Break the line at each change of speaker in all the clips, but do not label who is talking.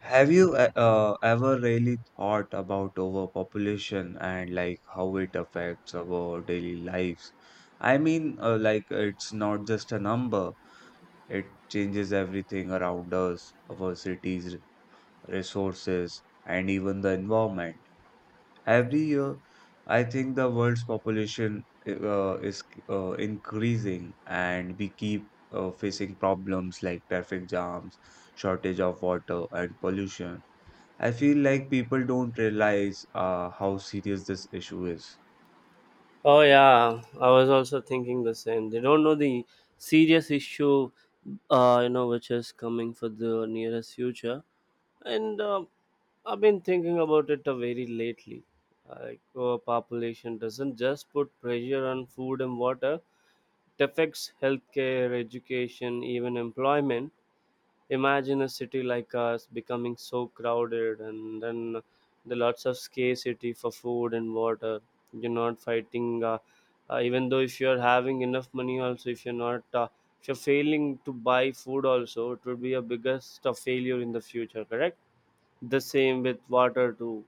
Have you ever really thought about overpopulation and like how it affects our daily lives? I mean, like it's not just a number, it changes everything around us, our cities, resources, and even the environment. Every year, I think the world's population is increasing, and we keep facing problems like traffic jams, shortage of water, and pollution. I feel like people don't realize how serious this issue is.
Oh yeah, I was also thinking the same. They don't know the serious issue, you know, which is coming for the nearest future. And I've been thinking about it very lately. Like, our population doesn't just put pressure on food and water; it affects healthcare, education, even employment. Imagine a city like us becoming so crowded and then the lots of scarcity for food and water. You're not fighting, even though if you're having enough money, also, if you're not, if you're failing to buy food, also, it would be a biggest failure in the future, correct? The same with water, too.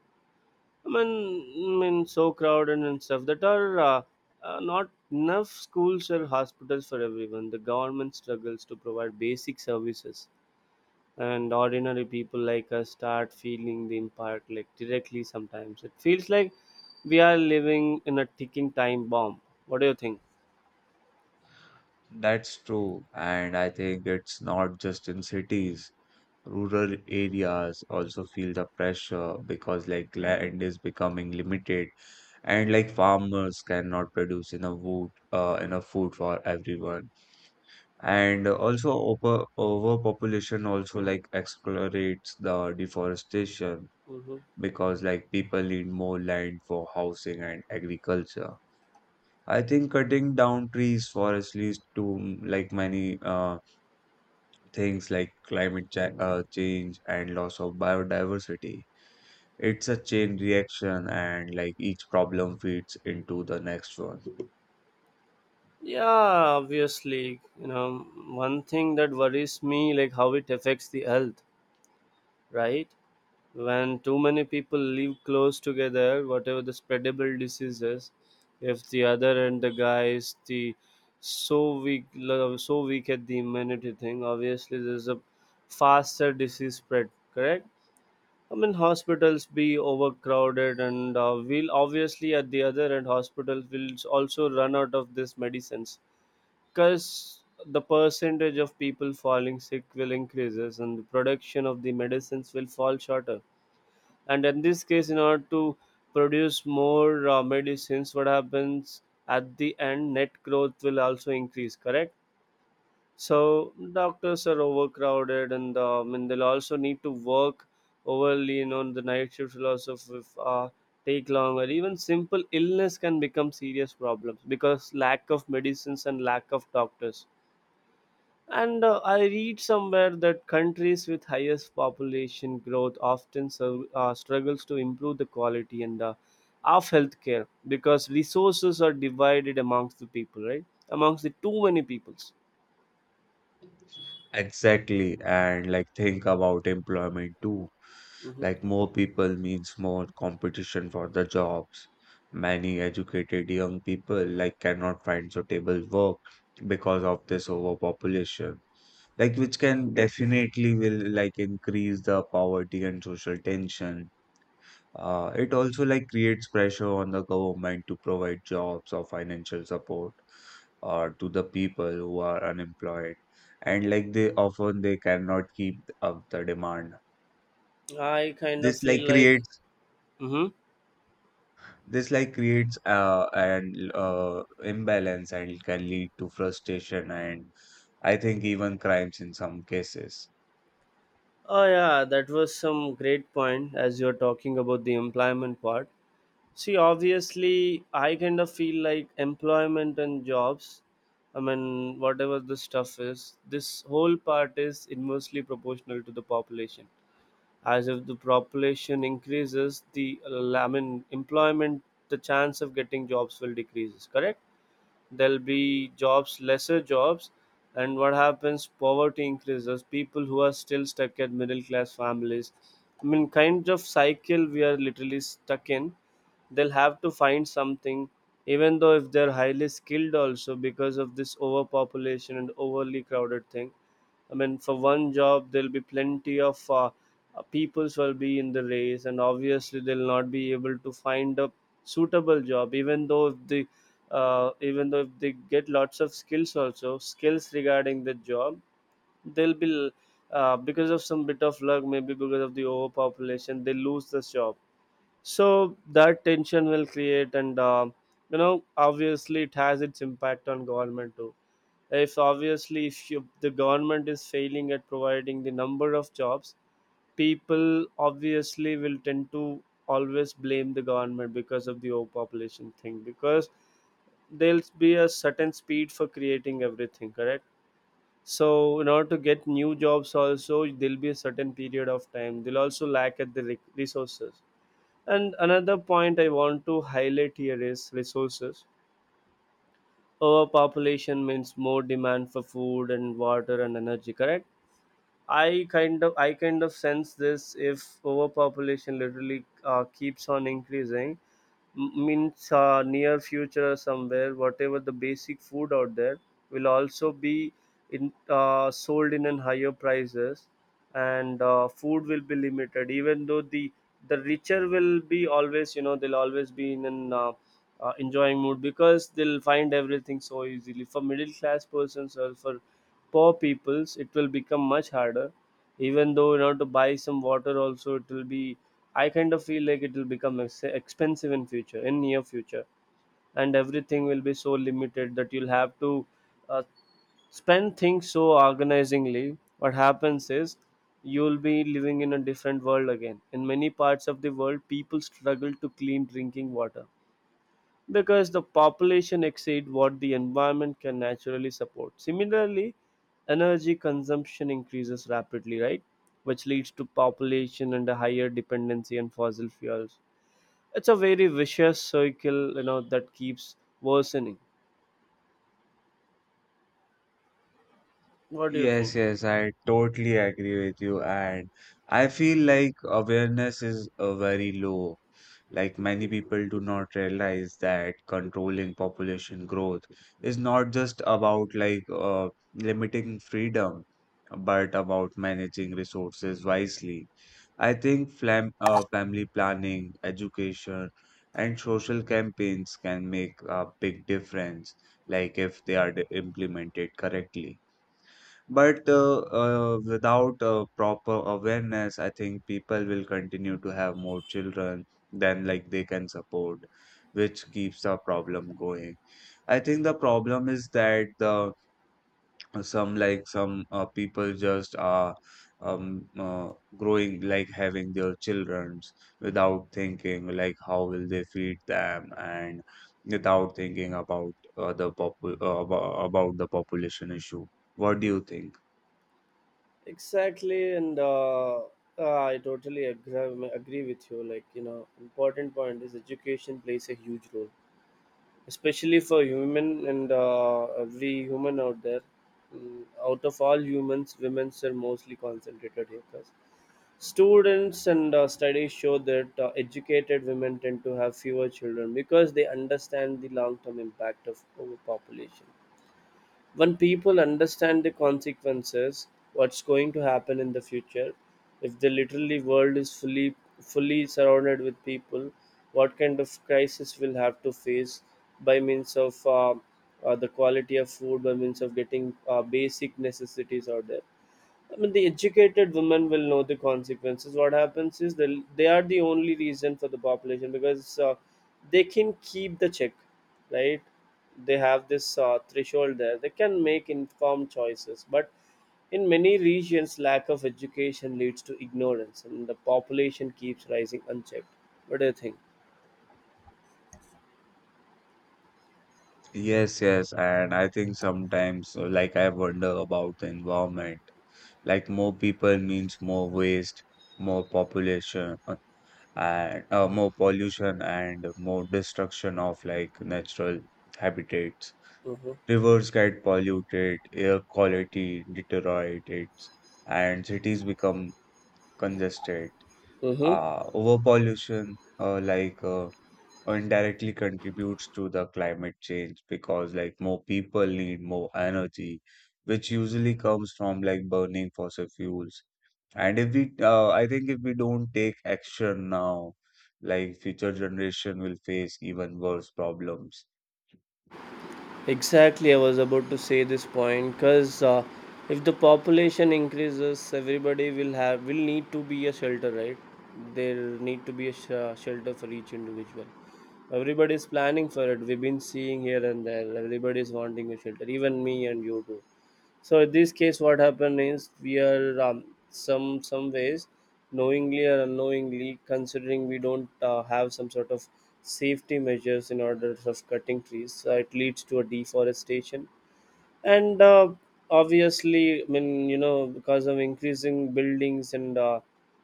I mean so crowded and stuff that are. Not enough schools or hospitals for everyone. The government struggles to provide basic services, and ordinary people like us start feeling the impact, like, directly. Sometimes it feels like we are living in a ticking time bomb. What do you think?
That's true, and I think it's not just in cities. Rural areas also feel the pressure because like land is becoming limited, and like farmers cannot produce enough enough food for everyone. And also overpopulation also like accelerates the deforestation
hmm
because like people need more land for housing and agriculture. I think cutting down trees, forests leads to like many things like climate cha change and loss of biodiversity. It's a chain reaction, and like each problem feeds into the next one.
yeah, obviously, you know, one thing that worries me, like, how it affects the health, right? When too many people live close together, whatever the spreadable diseases, if the other end the guy is the so weak, so weak at the immunity thing, obviously there's a faster disease spread. Correct. I mean, hospitals be overcrowded, and will obviously at the other end, hospitals will also run out of these medicines, because the percentage of people falling sick will increases, and the production of the medicines will fall shorter. And in this case, in order to produce more medicines, what happens? At the end net growth will also increase, correct? So doctors are overcrowded, and I mean, they'll also need to work overly, you know, the night shift will also take longer. Even simple illness can become serious problems because lack of medicines and lack of doctors. And I read somewhere that countries with highest population growth often struggles to improve the quality and of healthcare, because resources are divided amongst the people, right? Amongst the too many peoples.
Exactly, and like think about employment too.
hmm
Like more people means more competition for the jobs. Many educated young people like cannot find suitable work because of this overpopulation, like which can definitely will like increase the poverty and social tension. It also like creates pressure on the government to provide jobs or financial support to the people who are unemployed, and like they often they cannot keep up the demand.
I kind of
This
feel
like
like,
creates
hmm
this like creates an imbalance and can lead to frustration and I think even crimes in some cases.
oh yeah, that was some great point as you're talking about the employment part. See, obviously, I kind of feel like employment and jobs, I mean, whatever the stuff is, this whole part is inversely proportional to the population. As if the population increases, the, I mean, employment, the chance of getting jobs will decreases, correct? There'll be jobs, lesser jobs. And what happens? Poverty increases. People who are still stuck at middle class families, I mean, kind of cycle we are literally stuck in. They'll have to find something, even though if they're highly skilled also, because of this overpopulation and overly crowded thing. I mean, for one job, there'll be plenty of peoples will be in the race, and obviously they'll not be able to find a suitable job, even though if the even though if they get lots of skills, also skills regarding the job, they'll be because of some bit of luck, maybe because of the overpopulation they lose the job. So that tension will create. And you know, obviously it has its impact on government too. If obviously if you, the government is failing at providing the number of jobs, people obviously will tend to always blame the government because of the overpopulation thing, because there'll be a certain speed for creating everything, correct? So in order to get new jobs also, there'll be a certain period of time they'll also lack at the resources. And another point I want to highlight here is resources. Overpopulation means more demand for food and water and energy, correct? I kind of sense this: if overpopulation literally keeps on increasing, means near future somewhere whatever the basic food out there will also be in sold in an higher prices. And food will be limited, even though the richer will be always, you know, they'll always be in an enjoying mood, because they'll find everything so easily. For middle class persons or for poor peoples it will become much harder. Even though, you know, to buy some water also, it will be, I kind of feel like it will become expensive in future, in near future, and everything will be so limited that you'll have to uh, spend things so organizingly. What happens is you'll be living in a different world again. In many parts of the world, people struggle to clean drinking water because the population exceed what the environment can naturally support. Similarly, energy consumption increases rapidly, right? Which leads to population and a higher dependency on fossil fuels. It's a very vicious circle, you know, that keeps worsening. What do you
Yes,
think?
yes, I totally agree with you. And I feel like awareness is very low. Like many people do not realize that controlling population growth is not just about like limiting freedom, but about managing resources wisely. I think flam family planning, education, and social campaigns can make a big difference, like if they are implemented correctly. But without proper awareness, I think people will continue to have more children than like they can support, which keeps the problem going. I think the problem is that the some like some people just are um uh, growing like having their childrens without thinking like how will they feed them and without thinking about about the population issue. What do you think?
Exactly, and I totally agree with you. Like, you know, important point is education plays a huge role, especially for human and every human out there. Mm, out of all humans, women are mostly concentrated here. 'Cause students and studies show that educated women tend to have fewer children because they understand the long term impact of overpopulation. When people understand the consequences, what's going to happen in the future, if the literally world is fully surrounded with people, what kind of crisis we'll have to face by means of the quality of food, by means of getting basic necessities out there. I mean, the educated women will know the consequences. What happens is they are the only reason for the population, because they can keep the check, right? They have this threshold there. They can make informed choices, but in many regions, lack of education leads to ignorance, and the population keeps rising unchecked. What do you think?
Yes, yes, and I think sometimes, like, I wonder about the environment. Like, more people means more waste, more and more pollution, and more destruction of like natural habitats.
Mm-hmm.
Rivers get polluted, air quality deteriorates, and cities become congested.
Mm-hmm.
Overpollution indirectly contributes to the climate change because like more people need more energy, which usually comes from like burning fossil fuels. And if we I think if we don't take action now, like future generation will face even worse problems.
Exactly, I was about to say this point, because if the population increases, everybody will have will need to be a shelter, right? There need to be a shelter for each individual. Everybody is planning for it. We've been seeing here and there. Everybody is wanting a shelter, even me and you too. So in this case, what happened is we are some ways, knowingly or unknowingly, considering we don't have some sort of safety measures in order of cutting trees, so it leads to a deforestation. And obviously, I mean, you know, because of increasing buildings and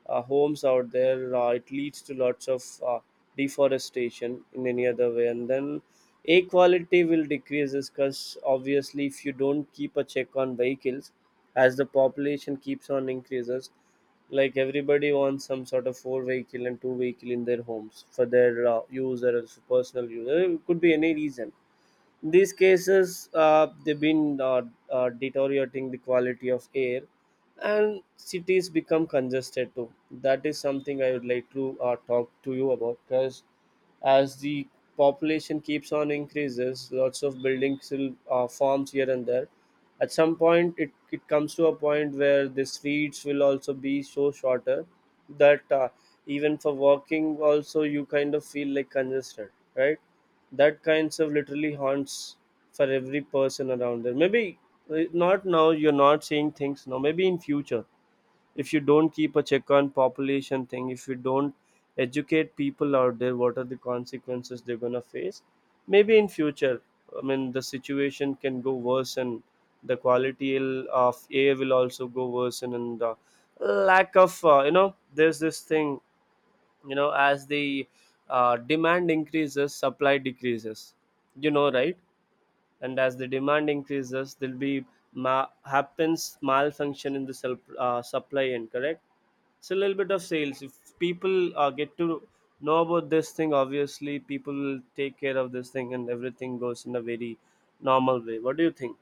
homes out there, it leads to lots of deforestation in any other way. And then air quality will decrease, because obviously if you don't keep a check on vehicles as the population keeps on increases, like everybody wants some sort of four vehicle and two vehicle in their homes for their use or else personal use. It could be any reason. These cases they've been deteriorating the quality of air. And cities become congested too, that is something I would like to talk to you about. Because as the population keeps on increases, lots of buildings will forms here and there. At some point it comes to a point where the streets will also be so shorter that even for walking also you kind of feel like congested, right? That kind of literally haunts for every person around there. Maybe not now, you're not seeing things now, maybe in future. If you don't keep a check on population thing, if you don't educate people out there what are the consequences they're going to face, maybe in future, I mean the situation can go worse. And the quality of air will also go worse. And the lack of you know, there's this thing, you know, as the demand increases, supply decreases, you know, right? And as the demand increases, there'll be happens malfunction in the supply end, correct? It's a little bit of sales. If people get to know about this thing, obviously people will take care of this thing and everything goes in a very normal way. What do you think?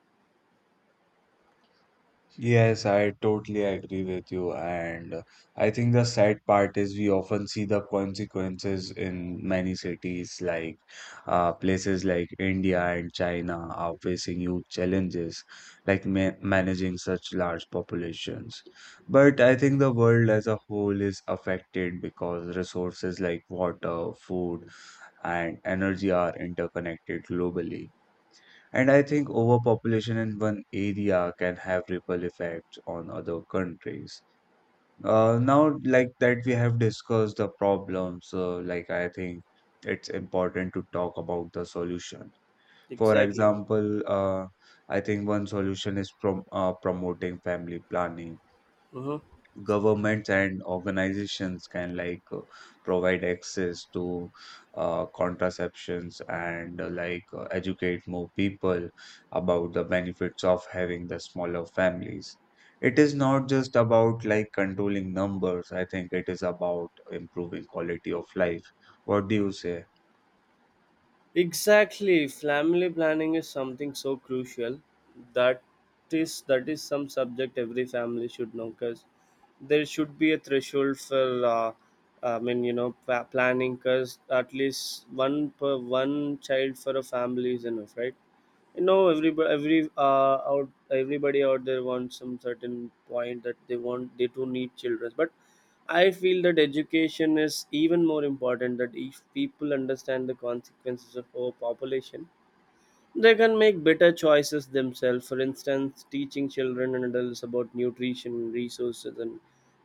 Yes, I totally agree with you. And I think the sad part is we often see the consequences in many cities, like places like India and China are facing huge challenges, like ma managing such large populations. But I think the world as a whole is affected because resources like water, food, and energy are interconnected globally. And I think overpopulation in one area can have ripple effects on other countries. Now, like that, we have discussed the problems. Like, I think it's important to talk about the solution. For
Exactly.
example, I think one solution is promoting family planning.
Mm-hmm.
Governments and organizations can like provide access to contraceptions and educate more people about the benefits of having the smaller families. It is not just about like controlling numbers. I think it is about improving quality of life. What do you say?
Exactly, family planning is something so crucial. That is some subject every family should know, because there should be a threshold for I mean, you know, planning, because at least one per one child for a family is enough, right? Everybody out there wants some certain point that they do need children. But I feel that education is even more important, that if people understand the consequences of overpopulation, they can make better choices themselves. For instance, teaching children and adults about nutrition, resources, and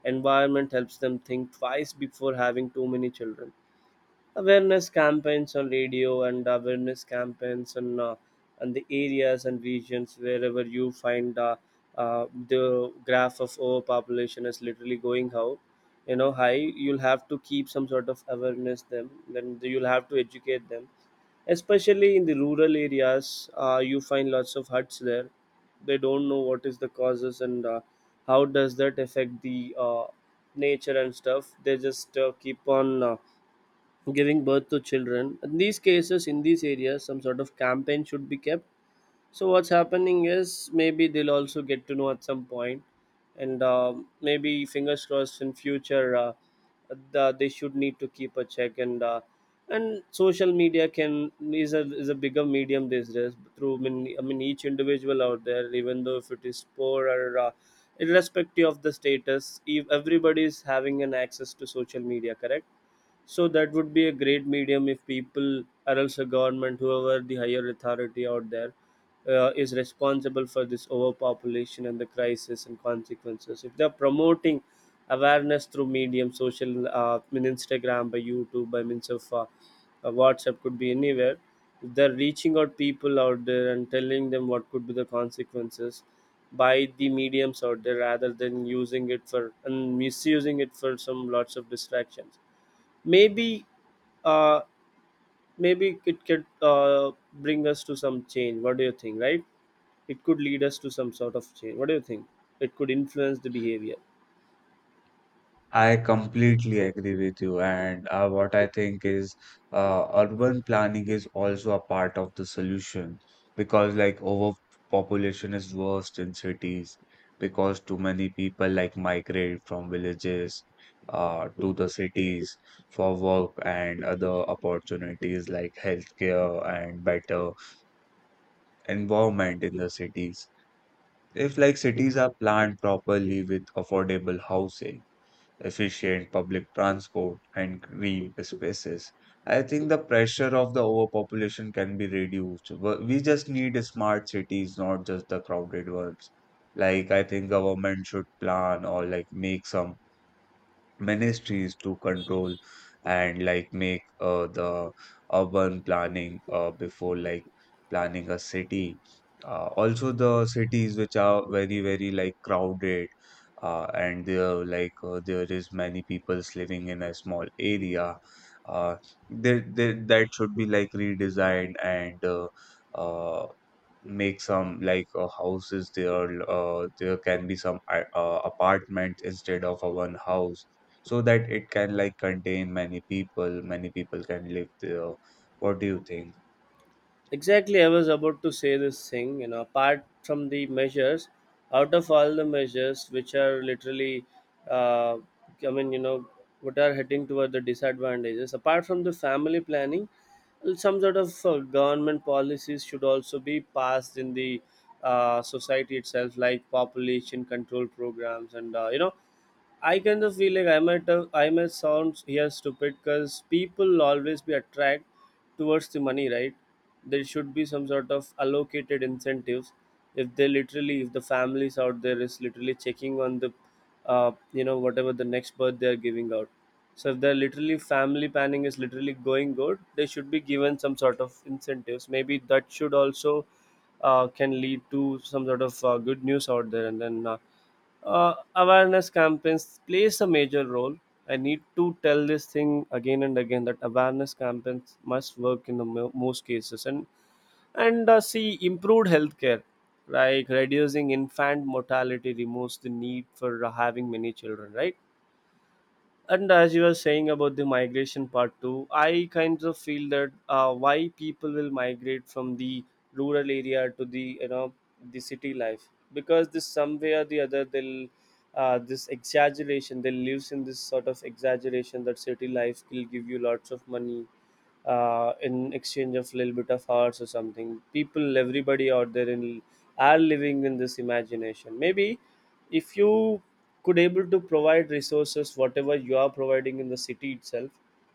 environment helps them think twice before having too many children. Awareness campaigns on radio, and awareness campaigns on and the areas and regions wherever you find the graph of overpopulation is literally going out high. You'll have to keep some sort of awareness them, then you'll have to educate them, especially in the rural areas. You find lots of huts there. They don't know what is the causes, and how does that affect the nature and stuff. They just keep on giving birth to children. In these cases, in these areas, some sort of campaign should be kept. So what's happening is maybe they'll also get to know at some point, and maybe fingers crossed in future they should need to keep a check, and social media can is a bigger medium these days through. I mean, each individual out there, even though if it is poor or irrespective of the status, if everybody is having an access to social media, correct, so that would be a great medium if people, or else a government, whoever the higher authority out there, is responsible for this overpopulation and the crisis and consequences. If they're promoting awareness through medium, social, I mean Instagram, by YouTube, by means of WhatsApp, could be anywhere. If they're reaching out people out there and telling them what could be the consequences by the mediums out there rather than using it for and misusing it for some lots of distractions. Maybe, uh, maybe, it could bring us to some change. What do you think? Right? It could lead us to some sort of change. What do you think? It could influence the behavior.
I completely agree with you, and what I think is urban planning is also a part of the solution because, like, overpopulation is worst in cities because too many people like migrate from villages to the cities for work and other opportunities like healthcare and better environment in the cities. If like cities are planned properly with affordable housing, efficient public transport, and green spaces. I think the pressure of the overpopulation can be reduced. We just need smart cities, not just the crowded ones. Like I think government should plan or like make some ministries to control and like make the urban planning before like planning a city. Also the cities which are very very like crowded and there like there is many peoples living in a small area. Uh, that should be like redesigned and uh, make some like houses there. Uh, there can be some apartments instead of a one house so that it can like contain many people can live there. What do you think?
Exactly, I was about to say this thing. Apart from the measures, out of all the measures which are literally, uh, I mean, what are heading toward the disadvantages, apart from the family planning, well, some sort of government policies should also be passed in the society itself, like population control programs and, I kind of feel like I might sound here stupid because people always be attracted towards the money, right? There should be some sort of allocated incentives. If the families out there is literally checking on the, whatever the next birth they are giving out. So if they're literally family planning is literally going good, they should be given some sort of incentives. Maybe that should also can lead to some sort of good news out there, and then awareness campaigns plays a major role. I need to tell this thing again and again that awareness campaigns must work in the most cases, and see improved healthcare, like reducing infant mortality removes the need for having many children, right? And as you were saying about the migration part too, I kind of feel that why people will migrate from the rural area to the you know the city life, because this some way or the other they'll this exaggeration they lives in this sort of exaggeration that city life will give you lots of money, in exchange of little bit of hours or something. People, everybody out there in are living in this imagination, maybe. If you could able to provide resources whatever you are providing in the city itself,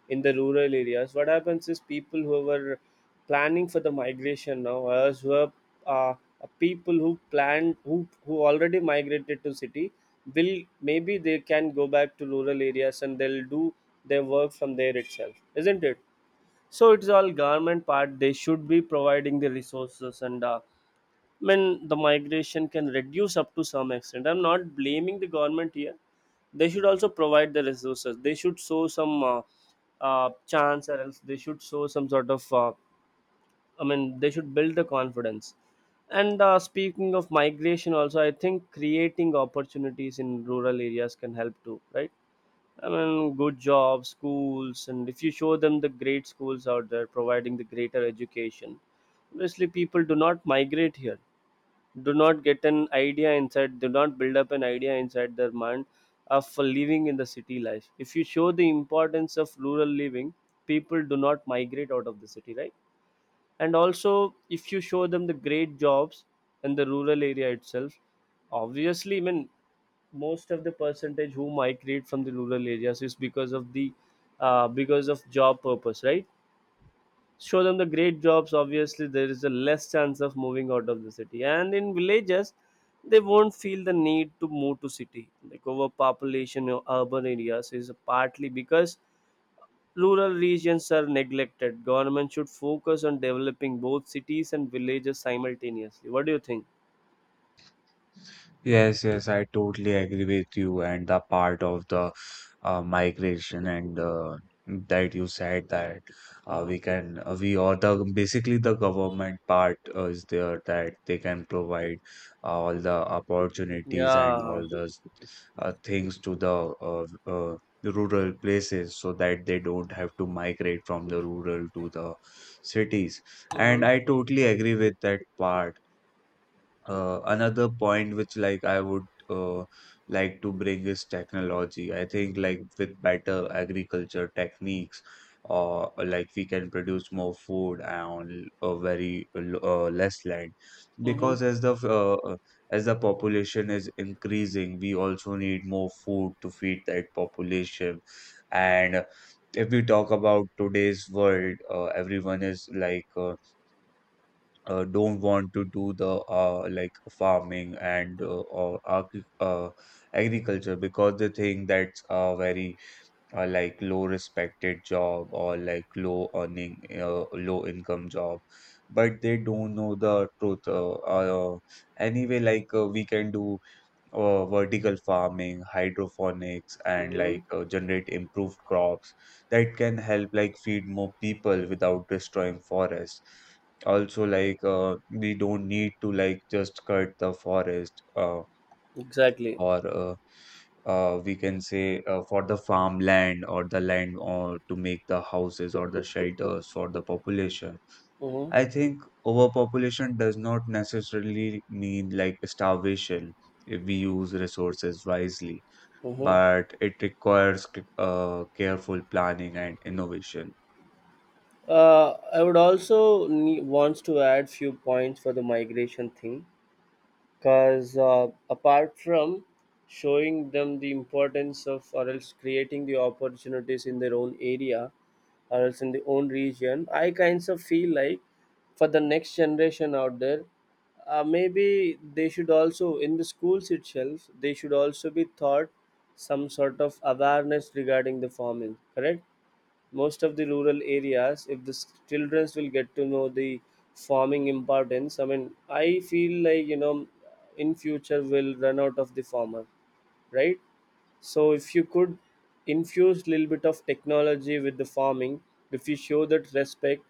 in the rural areas, what happens is people who were planning for the migration, now as who are uh, people who planned, who already migrated to city will, maybe they can go back to rural areas and they'll do their work from there itself. Isn't it? So it's all government part. They should be providing the resources, and I mean, the migration can reduce up to some extent. I'm not blaming the government here. They should also provide the resources. They should show some chance, or else they should show some sort of. I mean, they should build the confidence. And speaking of migration, also, I think creating opportunities in rural areas can help too, right? I mean, good jobs, schools, and if you show them the great schools out there providing the greater education, obviously people do not migrate here, do not get an idea inside, do not build up an idea inside their mind of living in the city life. If you show the importance of rural living, people do not migrate out of the city, right? And also if you show them the great jobs in the rural area itself, obviously I mean most of the percentage who migrate from the rural areas is because of the because of job purpose, right? Show them the great jobs, obviously there is a less chance of moving out of the city, and in villages they won't feel the need to move to city, like overpopulation in urban areas is partly because rural regions are neglected. Government should focus on developing both cities and villages simultaneously. What do you think?
Yes, yes, I totally agree with you. And the part of the migration and that you said that
Hmm.
we or the basically the government part is there that they can provide all the opportunities and
Yeah.
all the things to uh, uh, the rural places so that they don't have to migrate from the rural to the cities. And
Hmm.
I totally agree with that part. Another point which like I would uh, like to bring is technology. I think like with better agriculture techniques, like we can produce more food on a very less land.
Hmm.
Because as the population is increasing, we also need more food to feed that population. And if we talk about today's world, everyone is like don't want to do the like farming and agriculture because they think that's a very like low respected job or like low earning low income job, but they don't know the truth. Anyway, like we can do vertical farming, hydroponics, and
Hmm.
like generate improved crops that can help like feed more people without destroying forests. Also, like we don't need to like just cut the forest
Exactly.
or we can say for the farmland or the land or to make the houses or the shelters for the population.
Hmm.
I think overpopulation does not necessarily mean like starvation if we use resources wisely,
Hmm.
but it requires careful planning and innovation.
I would also wants to add few points for the migration thing, because apart from showing them the importance of, or else creating the opportunities in their own area, or else in their own region, I kinds of feel like, for the next generation out there, maybe they should also in the schools itself they should also be taught some sort of awareness regarding the farming, correct. Most of the rural areas, if the childrens will get to know the farming importance, I mean, I feel like, in future will run out of the farmer, right? So if you could infuse little bit of technology with the farming, if you show that respect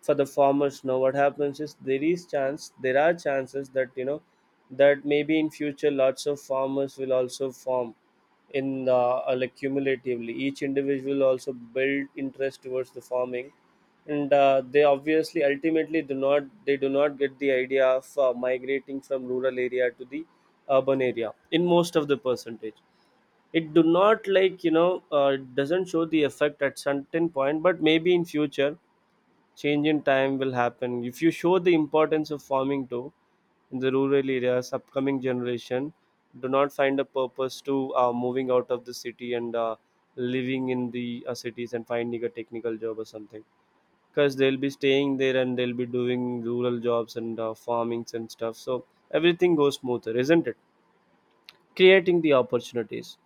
for the farmers now, what happens is there are chances that that maybe in future lots of farmers will also farm in the like cumulatively each individual also build interest towards the farming. And they obviously ultimately do not get the idea of migrating from rural area to the urban area in most of the percentage. It do not like you know uh, it doesn't show the effect at certain point, but maybe in future change in time will happen. If you show the importance of farming too in the rural areas, upcoming generation do not find a purpose to moving out of the city and living in the cities and finding a technical job or something, because they'll be staying there and they'll be doing rural jobs and farmings and stuff, so everything goes smoother. Isn't it? Creating the opportunities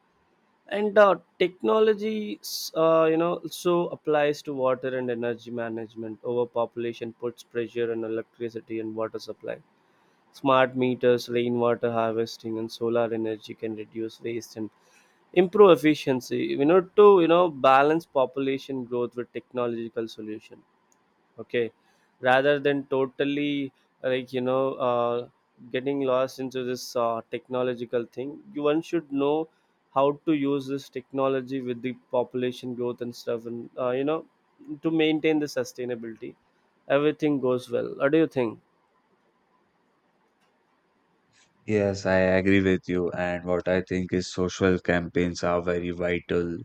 and technology, so applies to water and energy management. Overpopulation puts pressure on electricity and water supply. Smart meters, rainwater harvesting and solar energy can reduce waste and improve efficiency. We need to balance population growth with technological solution. Okay, rather than totally, like, uh, getting lost into this technological thing, you one should know how to use this technology with the population growth and stuff, and to maintain the sustainability, everything goes well. What do you think?
Yes, I agree with you. And what I think is social campaigns are very vital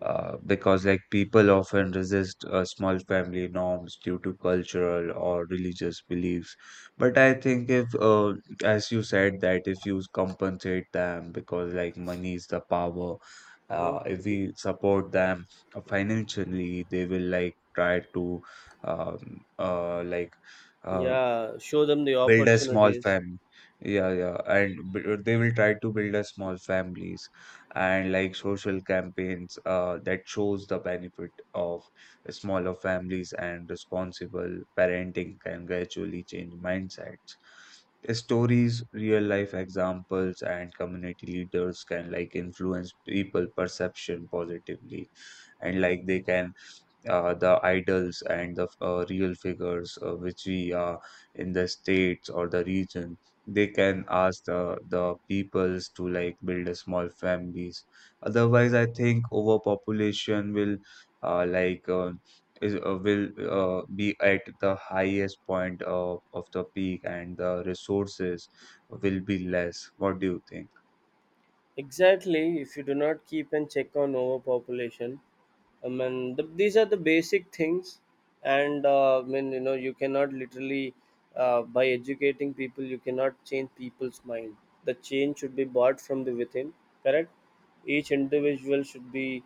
because like people often resist small family norms due to cultural or religious beliefs, but I think if as you said that if you compensate them because like money is the power.
Hmm.
Uh, if we support them financially they will like try to um, uh, like uh,
Yeah, show them the
build a small
opportunities.
family. Yeah, yeah, and they will try to build a small families. And like social campaigns that shows the benefit of smaller families and responsible parenting can gradually change mindsets. Stories, real life examples, and community leaders can like influence people perception positively. And like they can the idols and the real figures which we are in the states or the region, they can ask the peoples to like build a small families. Otherwise I think overpopulation will like is will be at the highest point of the peak and the resources will be less. What do you think?
Exactly, if you do not keep and check on overpopulation, I mean, these are the basic things, and I mean, you cannot literally by educating people, you cannot change people's mind. The change should be bought from the within. Correct. Each individual should be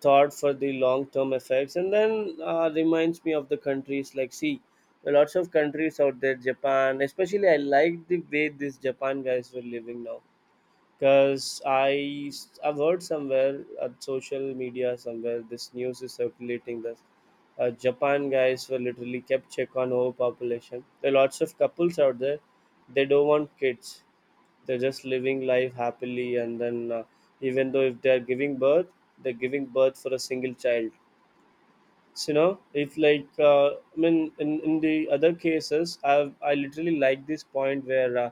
thought for the long-term effects, and then reminds me of the countries like, see, lots of countries out there, Japan. Especially, I like the way these Japan guys were living now, because I've heard somewhere at social media somewhere this news is circulating that Japan guys were literally kept check on overpopulation. There are lots of couples out there. They don't want kids. They're just living life happily, and then even though if they are giving birth, they're giving birth for a single child. So, it's like I mean in, the other cases I literally like this point where,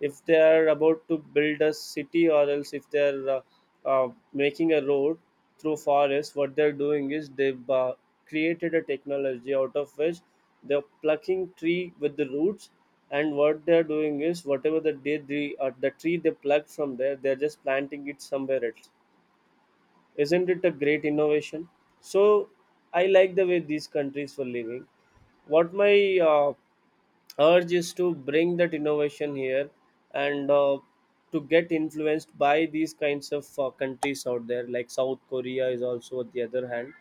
if they are about to build a city, or else if they're making a road through forest, what they're doing is they've created a technology out of which they're plucking tree with the roots, and what they're doing is whatever the tree they pluck from there, they're just planting it somewhere else. Isn't it a great innovation? So I like the way these countries were living. What my urge is to bring that innovation here, and to get influenced by these kinds of countries out there, like South Korea is also, on the other hand,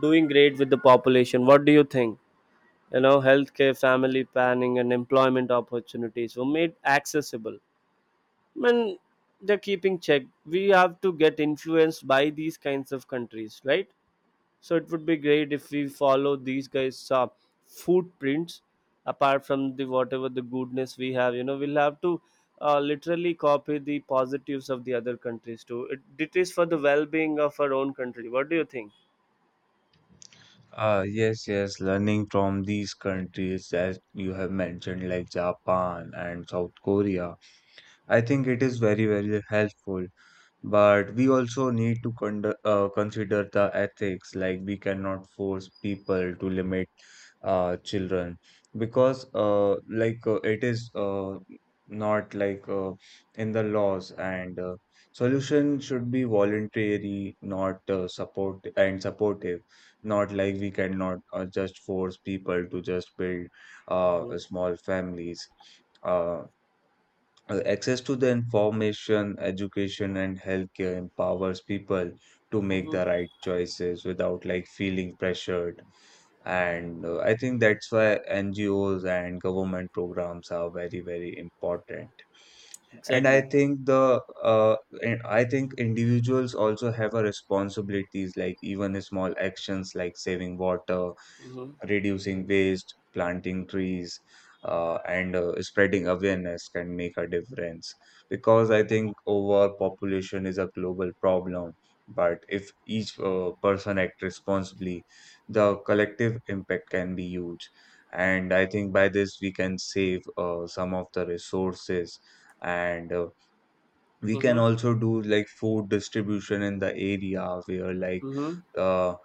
doing great with the population. What do you think? Healthcare, family planning, and employment opportunities were made accessible. I mean, they're keeping check. We have to get influenced by these kinds of countries, right? So it would be great if we follow these guys' footprints apart from the whatever the goodness we have. We'll have to literally copy the positives of the other countries too. It is for the well-being of our own country. What do you think?
Yes, yes, learning from these countries that you have mentioned, like Japan and South Korea. I think it is very, very helpful. But we also need to consider the ethics, like we cannot force people to limit children because, it is not like in the laws, and solution should be voluntary, not support and supportive, not like we cannot just force people to just build
Hmm.
small families. Uh, Access to the information, education, and healthcare empowers people to make
Hmm.
the right choices without like feeling pressured. And I think that's why NGOs and government programs are very, very important. And I
Exactly.
think the uh, and I think individuals also have a responsibilities, like even small actions like saving water,
Mm-hmm.
reducing waste, planting trees, and spreading awareness can make a difference. Because I think overpopulation is a global problem, but if each person acts responsibly, the collective impact can be huge. And I think by this we can save some of the resources and we can
Mm-hmm.
also do like food distribution in the area where like
Mm-hmm.
uh,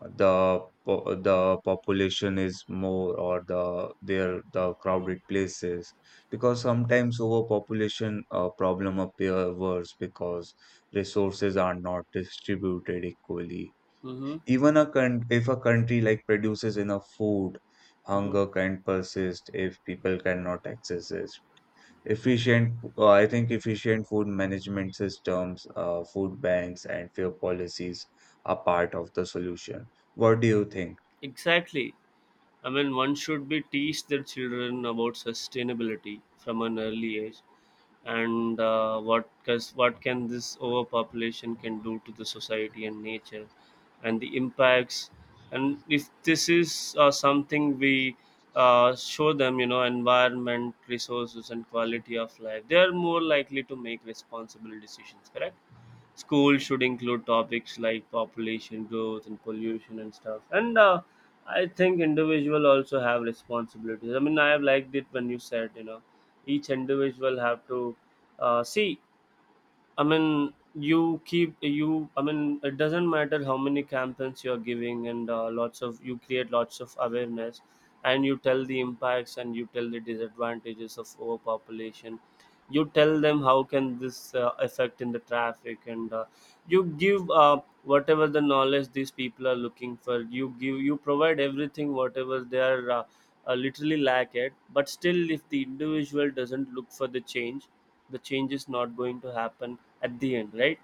the the population is more or the there the crowded places, because sometimes overpopulation problem appear worse because resources are not distributed equally.
Mm-hmm.
Even if a country like produces enough food,
Mm-hmm.
hunger can persist if people cannot access it. I think efficient food management systems, food banks, and fair policies are part of the solution. What do you think?
Exactly. I mean, one should be teach their children about sustainability from an early age, and what can this overpopulation can do to the society and nature, and the impacts. And if this is something we show them, environment, resources, and quality of life, they are more likely to make responsible decisions. Correct. School should include topics like population growth and pollution and stuff. And I think individual also have responsibilities. I mean, I have liked it when you said each individual have to see. I mean, you keep you. I mean, it doesn't matter how many campaigns you're giving, and lots of you create lots of awareness, and you tell the impacts and you tell the disadvantages of overpopulation. You tell them how can this affect in the traffic, and you give whatever the knowledge these people are looking for. You give you provide everything whatever they are literally lack it. But still, if the individual doesn't look for the change, the change is not going to happen at the end, right?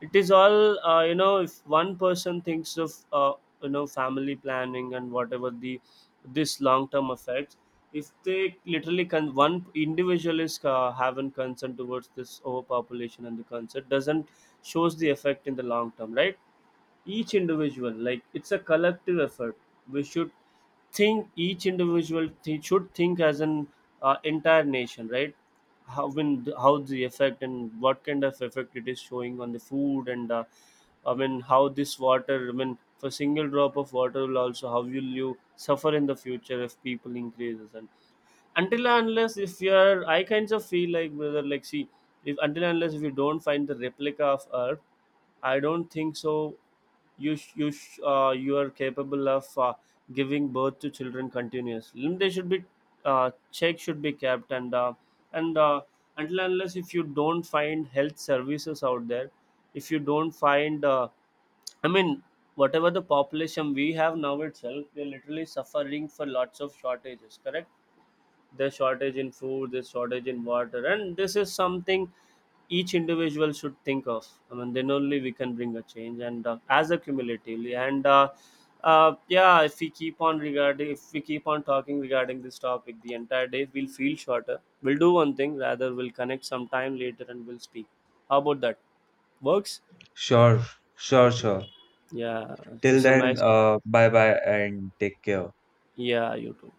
It is all if one person thinks of family planning and whatever the this long term effects, if they literally con one individual is having concern towards this overpopulation and the concern doesn't shows the effect in the long term, right? Each individual, like, it's a collective effort. We should think each individual should think as an entire nation, right? How the effect and what kind of effect it is showing on the food, and I mean how this water, I mean for single drop of water will also, how will you suffer in the future if people increases? And until and unless if you are, I kinds of feel like, brother, like, see, if until and unless if you don't find the replica of earth, I don't think so. You you are capable of giving birth to children continuously. They should be check should be kept, and until and unless if you don't find health services out there, if you don't find I mean whatever the population we have now itself, they are literally suffering for lots of shortages. Correct. There's shortage in food, there's shortage in water, and this is something each individual should think of. I mean, then only we can bring a change, and as a cumulatively, and yeah, if we keep on regarding if we keep on talking regarding this topic the entire day, we'll feel shorter. We'll do one thing, rather we'll connect sometime later and we'll speak. How about that works?
Sure, sure, sure.
Yeah, it
Till
was a
then,
nice co-
bye bye and take care.
Yeah, you too.